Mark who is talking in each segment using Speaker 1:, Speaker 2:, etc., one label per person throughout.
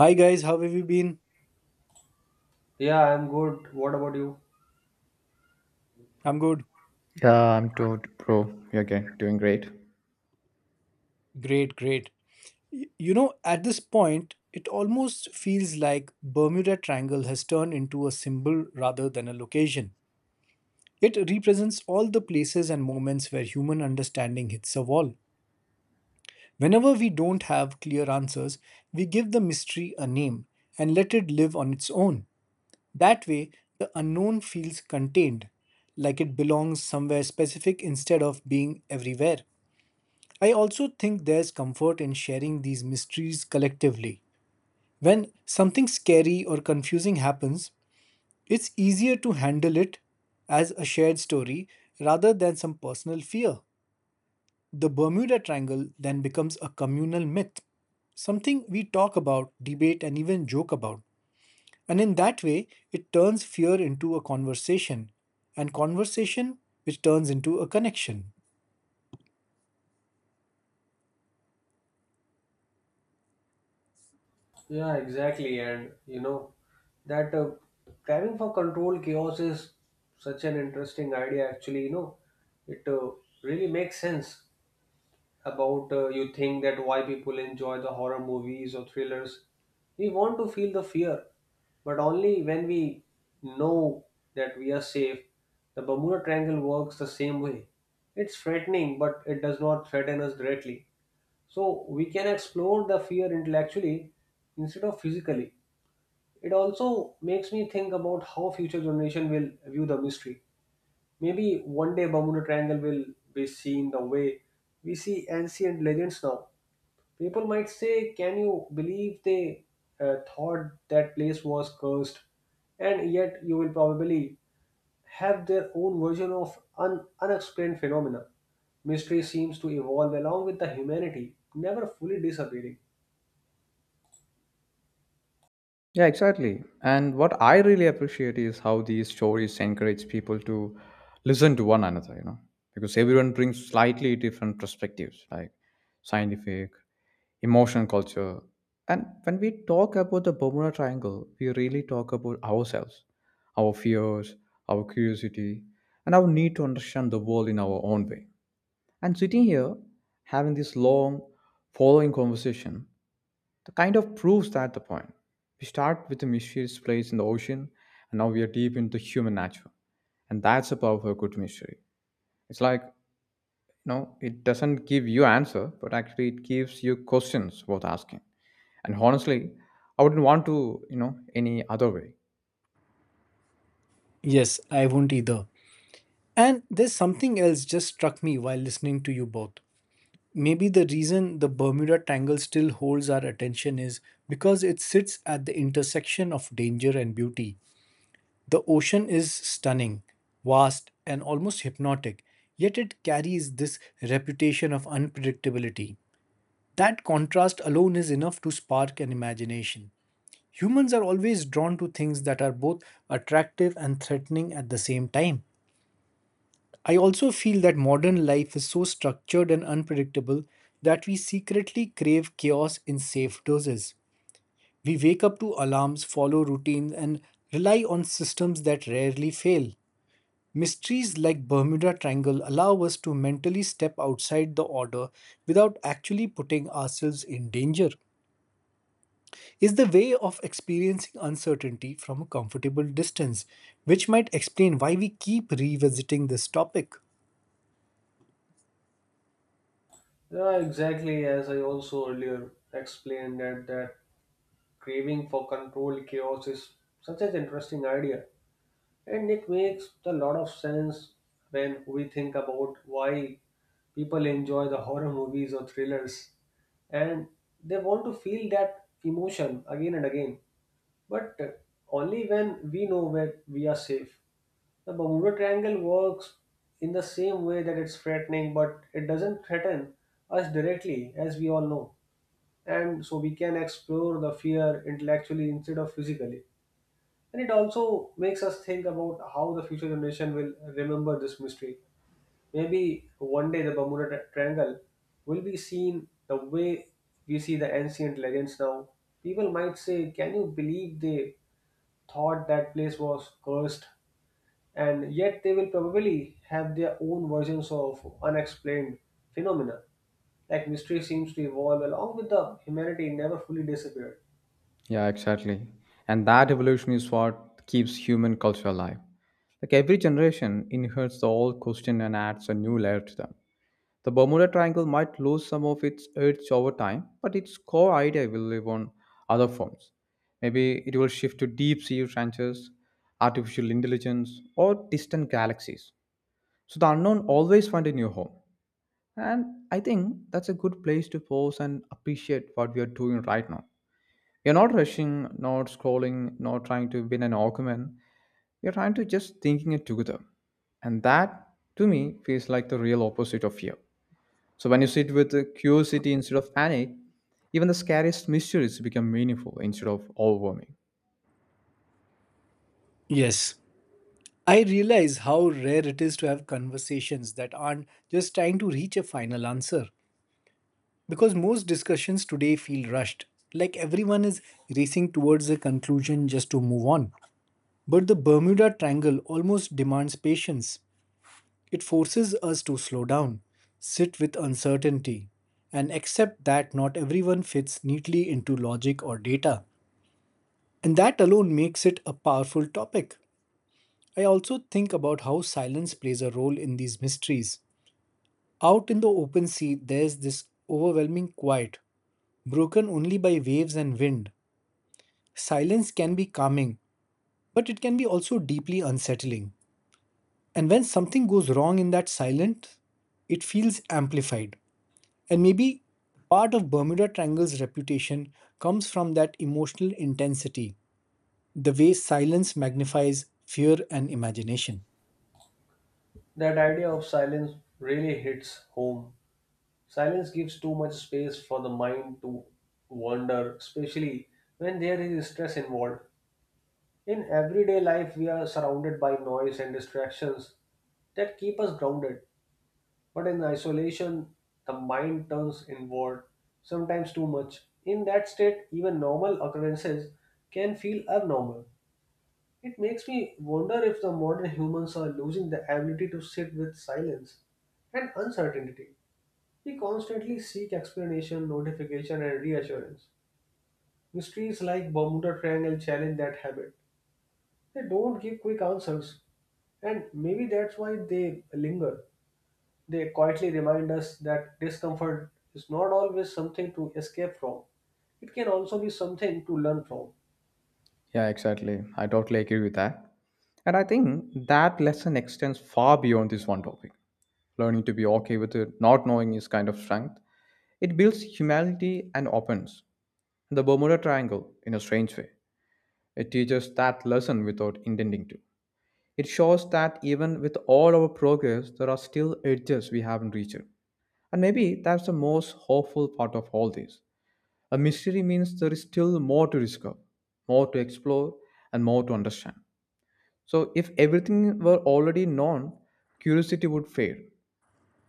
Speaker 1: Hi guys, how have you been?
Speaker 2: Yeah, I'm good. What about you?
Speaker 1: I'm good.
Speaker 3: Yeah, I'm too, bro. You're okay, doing great.
Speaker 1: Great, great. At this point, it almost feels like Bermuda Triangle has turned into a symbol rather than a location. It represents all the places and moments where human understanding hits a wall. Whenever we don't have clear answers, we give the mystery a name and let it live on its own. That way, the unknown feels contained, like it belongs somewhere specific instead of being everywhere. I also think there's comfort in sharing these mysteries collectively. When something scary or confusing happens, it's easier to handle it as a shared story rather than some personal fear. The Bermuda Triangle then becomes a communal myth, something we talk about, debate, and even joke about. And in that way, it turns fear into a conversation, and conversation which turns into a connection.
Speaker 2: Yeah, exactly. And you know, that craving for control chaos is such an interesting idea, actually. You know, it Really makes sense about you think that why people enjoy the horror movies or thrillers. We want to feel the fear, but only when we know that we are safe. The Bermuda Triangle works the same way. It's threatening, but it does not threaten us directly. So we can explore the fear intellectually instead of physically. It also makes me think about how future generation will view the mystery. Maybe one day Bermuda Triangle will be seen the way we see ancient legends now. People might say, "Can you believe they thought that place was cursed?" And yet, you will probably have their own version of unexplained phenomena. Mystery seems to evolve along with the humanity, never fully disappearing.
Speaker 3: Yeah, exactly. And what I really appreciate is how these stories encourage people to listen to one another, you know, because everyone brings slightly different perspectives, like scientific, emotional culture. And when we talk about the Bermuda Triangle, we really talk about ourselves, our fears, our curiosity, and our need to understand the world in our own way. And sitting here, having this long, following conversation, that kind of proves that the point. We start with a mysterious place in the ocean, and now we are deep into human nature. And that's the power of a good mystery. It's like, you know, it doesn't give you answer, but actually it gives you questions worth asking. And honestly, I wouldn't want to, you know, any other way.
Speaker 1: Yes, I won't either. And there's something else just struck me while listening to you both. Maybe the reason the Bermuda Triangle still holds our attention is because it sits at the intersection of danger and beauty. The ocean is stunning, vast, and almost hypnotic, yet it carries this reputation of unpredictability. That contrast alone is enough to spark an imagination. Humans are always drawn to things that are both attractive and threatening at the same time. I also feel that modern life is so structured and unpredictable that we secretly crave chaos in safe doses. We wake up to alarms, follow routines, and rely on systems that rarely fail. Mysteries like Bermuda Triangle allow us to mentally step outside the order without actually putting ourselves in danger. Is the way of experiencing uncertainty from a comfortable distance, which might explain why we keep revisiting this topic.
Speaker 2: Yeah, exactly. As I also earlier explained, that craving for control chaos is such an interesting idea, and it makes a lot of sense when we think about why people enjoy the horror movies or thrillers, and they want to feel that emotion again and again, but only when we know where we are safe. The Bermuda Triangle works in the same way, that it's threatening, but it doesn't threaten us directly, as we all know. And so we can explore the fear intellectually instead of physically. And it also makes us think about how the future generation will remember this mystery. Maybe one day the Triangle will be seen the way we see the ancient legends now. People might say, "Can you believe they thought that place was cursed?" And yet they will probably have their own versions of unexplained phenomena. Like, mystery seems to evolve along with the humanity, never fully disappeared.
Speaker 3: Yeah, exactly. And that evolution is what keeps human culture alive. Like every generation inherits the old question and adds a new layer to them. The Bermuda Triangle might lose some of its edge over time, but its core idea will live on other forms. Maybe it will shift to deep sea trenches, artificial intelligence, or distant galaxies. So the unknown always finds a new home. And I think that's a good place to pause and appreciate what we are doing right now. We are not rushing, not scrolling, not trying to win an argument. We are trying to just thinking it together. And that, to me, feels like the real opposite of fear. So when you sit with curiosity instead of panic, even the scariest mysteries become meaningful instead of overwhelming.
Speaker 1: Yes, I realize how rare it is to have conversations that aren't just trying to reach a final answer. Because most discussions today feel rushed, like everyone is racing towards a conclusion just to move on. But the Bermuda Triangle almost demands patience. It forces us to slow down, sit with uncertainty, and accept that not everyone fits neatly into logic or data. And that alone makes it a powerful topic. I also think about how silence plays a role in these mysteries. Out in the open sea, there's this overwhelming quiet, broken only by waves and wind. Silence can be calming, but it can be also deeply unsettling. And when something goes wrong in that silence, it feels amplified. And maybe part of Bermuda Triangle's reputation comes from that emotional intensity, the way silence magnifies fear and imagination.
Speaker 2: That idea of silence really hits home. Silence gives too much space for the mind to wander, especially when there is stress involved. In everyday life, we are surrounded by noise and distractions that keep us grounded. But in isolation, the mind turns inward, sometimes too much. In that state, even normal occurrences can feel abnormal. It makes me wonder if the modern humans are losing the ability to sit with silence and uncertainty. We constantly seek explanation, notification, and reassurance. Mysteries like Bermuda Triangle challenge that habit. They don't give quick answers, and maybe that's why they linger. They quietly remind us that discomfort is not always something to escape from. It can also be something to learn from.
Speaker 3: Yeah, exactly. I totally agree with that. And I think that lesson extends far beyond this one topic. Learning to be okay with it, not knowing is kind of strength. It builds humanity and opens the Bermuda Triangle in a strange way. It teaches that lesson without intending to. It shows that even with all our progress, there are still edges we haven't reached. And maybe that's the most hopeful part of all this. A mystery means there is still more to discover, more to explore, and more to understand. So, if everything were already known, curiosity would fade.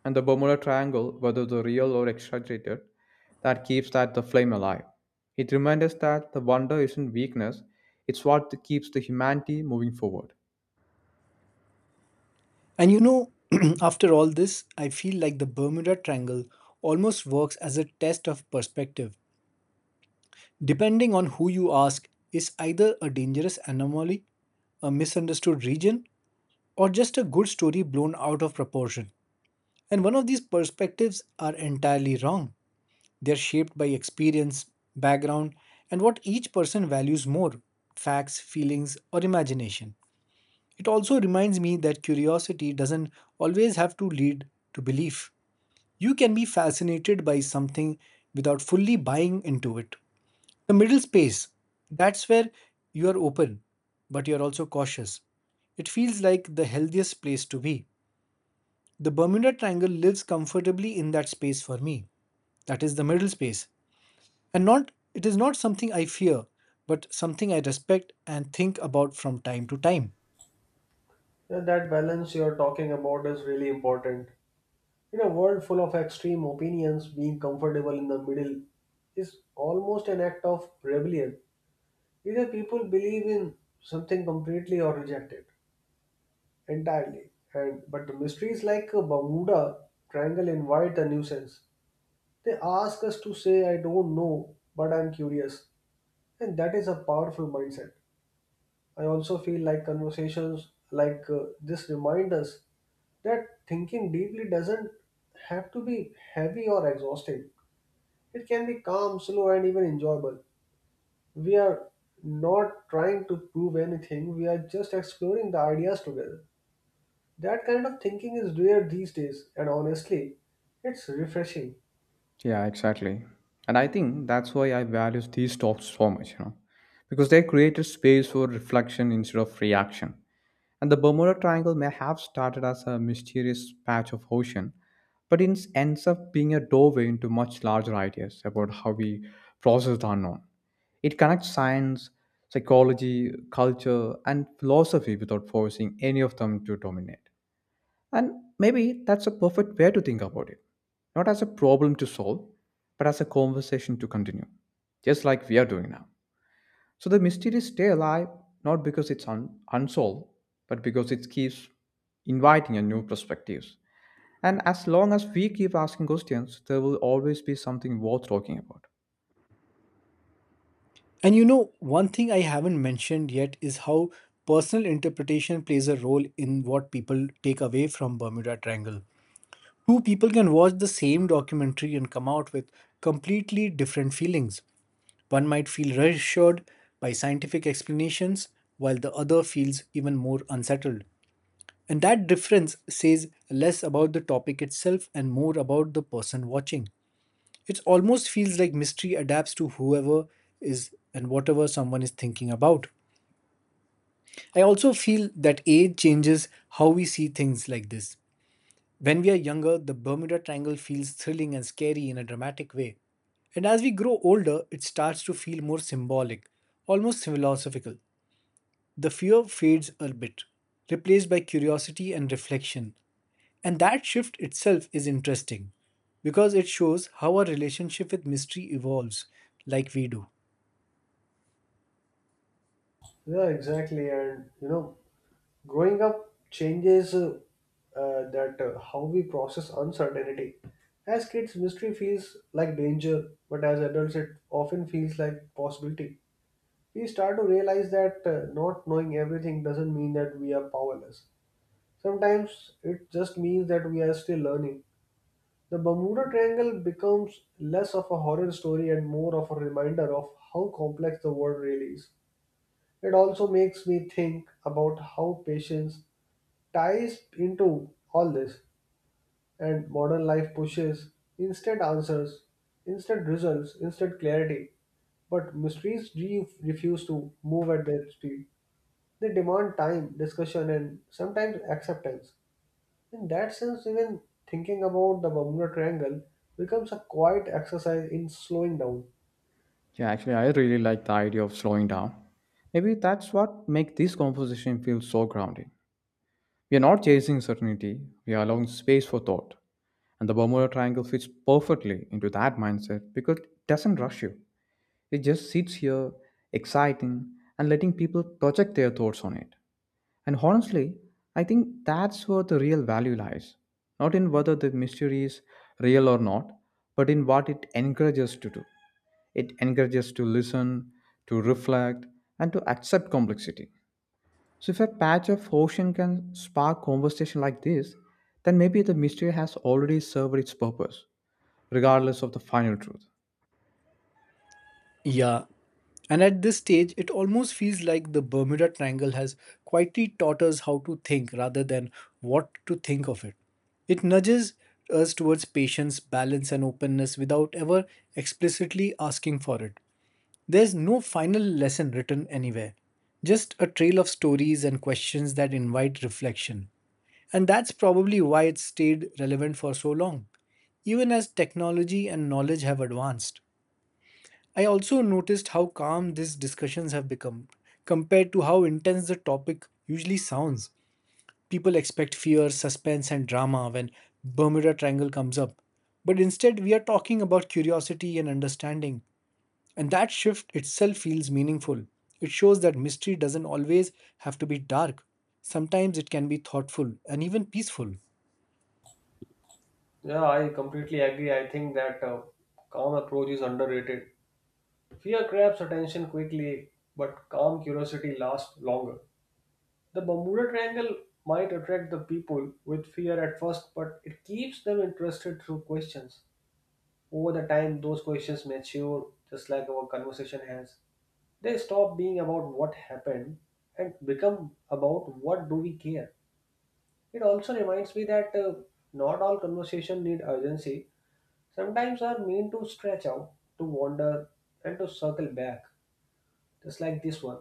Speaker 3: And the Bermuda Triangle, whether the real or exaggerated, that keeps that the flame alive. It reminds us that the wonder isn't weakness, it's what keeps the humanity moving forward.
Speaker 1: And you know, after all this, I feel like the Bermuda Triangle almost works as a test of perspective depending on who you ask, is either a dangerous anomaly, a misunderstood region, or just a good story blown out of proportion. And one of these perspectives are entirely wrong. They're shaped by experience, background, and what each person values more facts, feelings, or imagination. It also reminds me that curiosity doesn't always have to lead to belief. You can be fascinated by something without fully buying into it. The middle space, that's where you are open, but you're also cautious. It feels like the healthiest place to be. The Bermuda Triangle lives comfortably in that space for me. That is the middle space. And not it is not something I fear, but something I respect and think about from time to time.
Speaker 2: And that balance you're talking about is really important. In a world full of extreme opinions, being comfortable in the middle is almost an act of rebellion. Either people believe in something completely or reject it entirely. And but the mysteries like a Bermuda Triangle invite a nuisance. They ask us to say, "I don't know, but I'm curious." And that is a powerful mindset. I also feel like conversations like this remind us that thinking deeply doesn't have to be heavy or exhausting. It can be calm, slow, and even enjoyable. We are not trying to prove anything, we are just exploring the ideas together. That kind of thinking is rare these days, and honestly, it's refreshing.
Speaker 3: Yeah, exactly. And I think that's why I value these talks so much, you know, because they created space for reflection instead of reaction. And the Bermuda Triangle may have started as a mysterious patch of ocean, but it ends up being a doorway into much larger ideas about how we process the unknown. It connects science, psychology, culture, and philosophy without forcing any of them to dominate. And maybe that's a perfect way to think about it. Not as a problem to solve, but as a conversation to continue, just like we are doing now. So the mysteries stay alive not because it's unsolved, but because it keeps inviting a new perspectives. And as long as we keep asking questions, there will always be something worth talking about.
Speaker 1: And you know, one thing I haven't mentioned yet is how personal interpretation plays a role in what people take away from Bermuda Triangle. Two people can watch the same documentary and come out with completely different feelings. One might feel reassured by scientific explanations, while the other feels even more unsettled. And that difference says less about the topic itself and more about the person watching. It almost feels like mystery adapts to whoever is and whatever someone is thinking about. I also feel that age changes how we see things like this. When we are younger, the Bermuda Triangle feels thrilling and scary in a dramatic way. And as we grow older, it starts to feel more symbolic, almost philosophical. The fear fades a bit, replaced by curiosity and reflection. And that shift itself is interesting because it shows how our relationship with mystery evolves, like we do.
Speaker 2: Yeah, exactly. And you know, growing up changes that how we process uncertainty. As kids, mystery feels like danger, but as adults, it often feels like possibility. We start to realize that not knowing everything doesn't mean that we are powerless. Sometimes it just means that we are still learning. The Bermuda Triangle becomes less of a horror story and more of a reminder of how complex the world really is. It also makes me think about how patience ties into all this, and modern life pushes instant answers, instant results, instant clarity, but mysteries refuse to move at their speed. They demand time, discussion, and sometimes acceptance. In that sense, even thinking about the Bermuda Triangle becomes a quiet exercise in slowing down.
Speaker 3: Yeah, actually, I really like the idea of slowing down. Maybe that's what makes this conversation feel so grounding. We are not chasing certainty, we are allowing space for thought. And the Bermuda Triangle fits perfectly into that mindset because it doesn't rush you. It just sits here, exciting, and letting people project their thoughts on it. And honestly, I think that's where the real value lies. Not in whether the mystery is real or not, but in what it encourages to do. It encourages to listen, to reflect, and to accept complexity. So if a patch of ocean can spark conversation like this, then maybe the mystery has already served its purpose regardless of the final truth.
Speaker 1: Yeah, and at this stage, it almost feels like the Bermuda Triangle has quietly taught us how to think rather than what to think of it. It nudges us towards patience, balance, and openness without ever explicitly asking for it. There's no final lesson written anywhere, just a trail of stories and questions that invite reflection. And that's probably why it stayed relevant for so long, even as technology and knowledge have advanced. I also noticed how calm these discussions have become compared to how intense the topic usually sounds. People expect fear, suspense, and drama when Bermuda Triangle comes up. But instead, we are talking about curiosity and understanding. And that shift itself feels meaningful. It shows that mystery doesn't always have to be dark. Sometimes it can be thoughtful and even peaceful.
Speaker 2: Yeah, I completely agree. I think that calm approach is underrated. Fear grabs attention quickly, but calm curiosity lasts longer. The Bermuda Triangle might attract the people with fear at first, but it keeps them interested through questions. Over the time, those questions mature, just like our conversation has. They stop being about what happened and become about what do we care. It also reminds me that not all conversation need urgency. Sometimes are meant to stretch out, to wander, and to circle back, just like this one.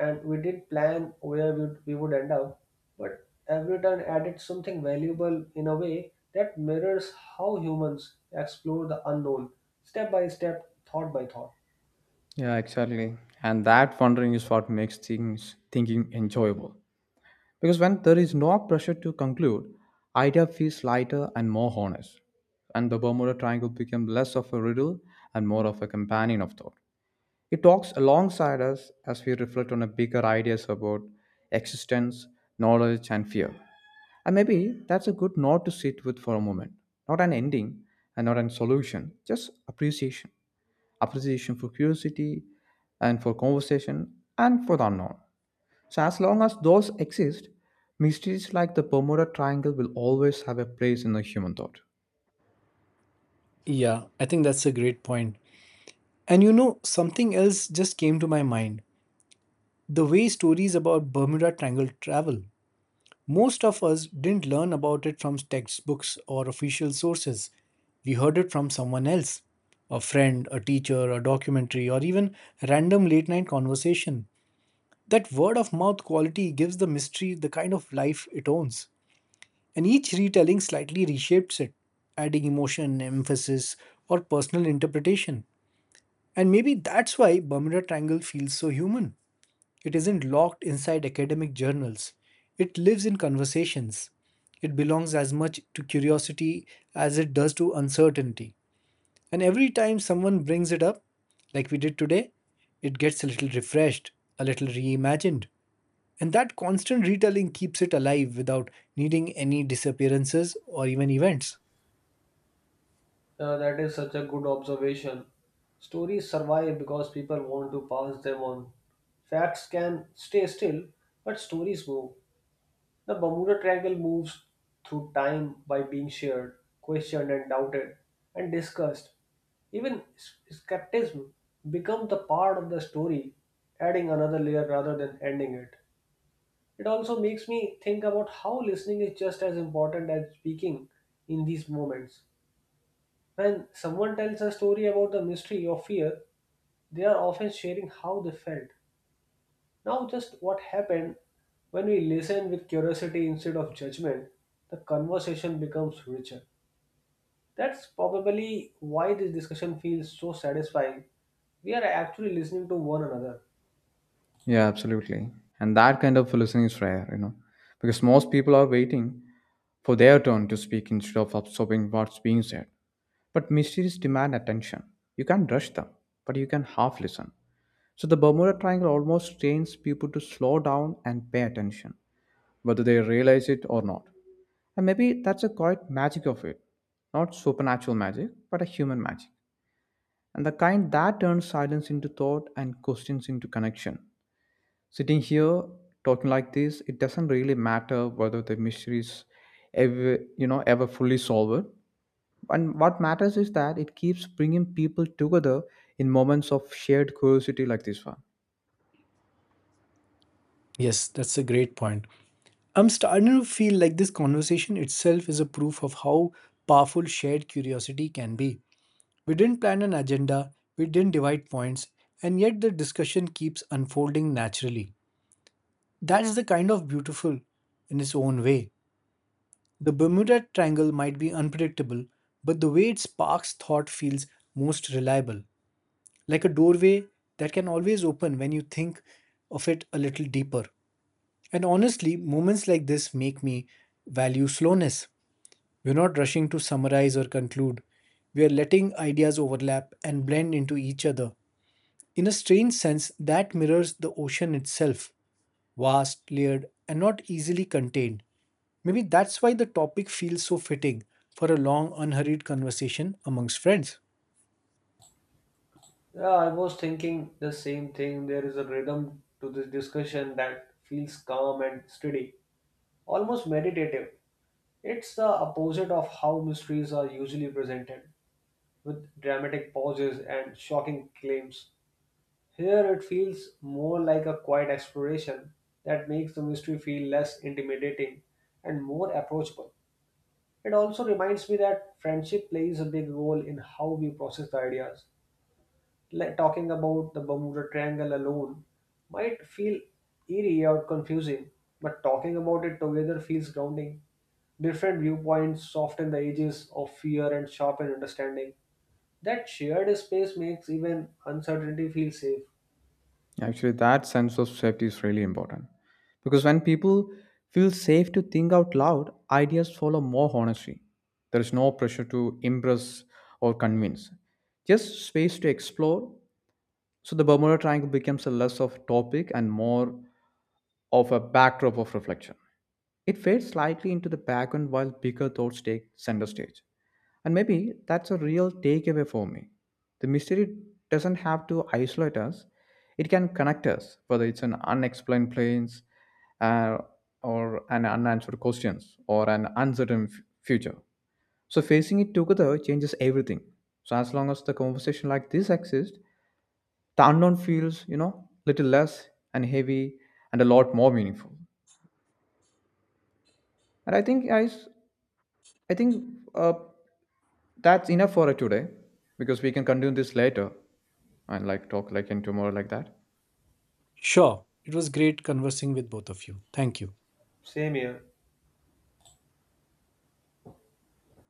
Speaker 2: And we did plan where we would end up, but every turn added something valuable in a way that mirrors how humans explore the unknown, step by step, thought by thought.
Speaker 3: Yeah, exactly. And that wondering is what makes things thinking enjoyable. Because when there is no pressure to conclude, idea feels lighter and more honest. And the Bermuda Triangle became less of a riddle and more of a companion of thought. It talks alongside us as we reflect on a bigger ideas about existence, knowledge, and fear. And maybe that's a good note to sit with for a moment. Not an ending and not a solution, just appreciation. Appreciation for curiosity and for conversation and for the unknown. So, as long as those exist, mysteries like the Bermuda Triangle will always have a place in the human thought.
Speaker 1: Yeah, I think that's a great point. And you know, something else just came to my mind. The way stories about Bermuda Triangle travel, most of us didn't learn about it from textbooks or official sources. We heard it from someone else a friend, a teacher, a documentary, or even random late night conversation. That word of mouth quality gives the mystery the kind of life it owns. And each retelling slightly reshapes it, adding emotion, emphasis, or personal interpretation. And maybe that's why Bermuda Triangle feels so human. It isn't locked inside academic journals. It lives in conversations. It belongs as much to curiosity as it does to uncertainty. And every time someone brings it up, like we did today, it gets a little refreshed, a little reimagined. And that constant retelling keeps it alive without needing any disappearances or even events.
Speaker 2: That is such a good observation. Stories survive because people want to pass them on. Facts can stay still, but stories move. The Bermuda Triangle moves through time by being shared, questioned, and doubted, and discussed. Even skepticism becomes the part of the story, adding another layer rather than ending it. It also makes me think about how listening is just as important as speaking in these moments. When someone tells a story about the mystery or fear, they are often sharing how they felt now, just what happened. When we listen with curiosity instead of judgment, the conversation becomes richer. That's probably why this discussion feels so satisfying. We are actually listening to one another.
Speaker 3: Yeah, absolutely. And that kind of listening is rare, you know, because most people are waiting for their turn to speak instead of absorbing what's being said. But mysteries demand attention. You can't rush them, but you can half listen. So the Bermuda Triangle almost trains people to slow down and pay attention, whether they realize it or not. And maybe that's a quiet magic of it. Not supernatural magic, but a human magic. And the kind that turns silence into thought and questions into connection. Sitting here, talking like this, it doesn't really matter whether the mystery is ever, you know, ever fully solved. And what matters is that it keeps bringing people together in moments of shared curiosity like this one.
Speaker 1: Yes, that's a great point. I'm starting to feel like this conversation itself is a proof of how powerful shared curiosity can be. We didn't plan an agenda, we didn't divide points, and yet the discussion keeps unfolding naturally. That's the kind of beautiful in its own way. The Bermuda Triangle might be unpredictable, but the way it sparks thought feels most reliable, like a doorway that can always open when you think of it a little deeper. And honestly, moments like this make me value slowness. We're not rushing to summarize or conclude. We are letting ideas overlap and blend into each other. In a strange sense, that mirrors the ocean itself vast, layered, and not easily contained. Maybe that's why the topic feels so fitting for a long, unhurried conversation amongst friends.
Speaker 2: Yeah, I was thinking the same thing. There is a rhythm to this discussion that feels calm and steady, almost meditative. It's the opposite of how mysteries are usually presented, with dramatic pauses and shocking claims. Here it feels more like a quiet exploration that makes the mystery feel less intimidating and more approachable. It also reminds me that friendship plays a big role in how we process the ideas. Like, talking about the Bermuda Triangle alone might feel eerie or confusing, but talking about it together feels grounding. Different viewpoints soften the edges of fear and sharpen understanding. That shared space makes even uncertainty feel safe.
Speaker 3: Actually, that sense of safety is really important because when people feel safe to think out loud, ideas follow more honestly. There is no pressure to impress or convince, just space to explore. So the Bermuda Triangle becomes a less of topic and more of a backdrop of reflection. It fades slightly into the background while bigger thoughts take center stage. And maybe that's a real takeaway for me. The mystery doesn't have to isolate us, it can connect us, whether it's an unexplained planes uh, or an unanswered questions or an uncertain future. So facing it together changes everything. So as long as the conversation like this exists, the unknown feels, you know, little less and heavy and a lot more meaningful. And I think guys I think uh, that's enough for today because we can continue this later and like talk like in tomorrow like that.
Speaker 1: Sure, it was great conversing with both of you. Thank you.
Speaker 2: Same here.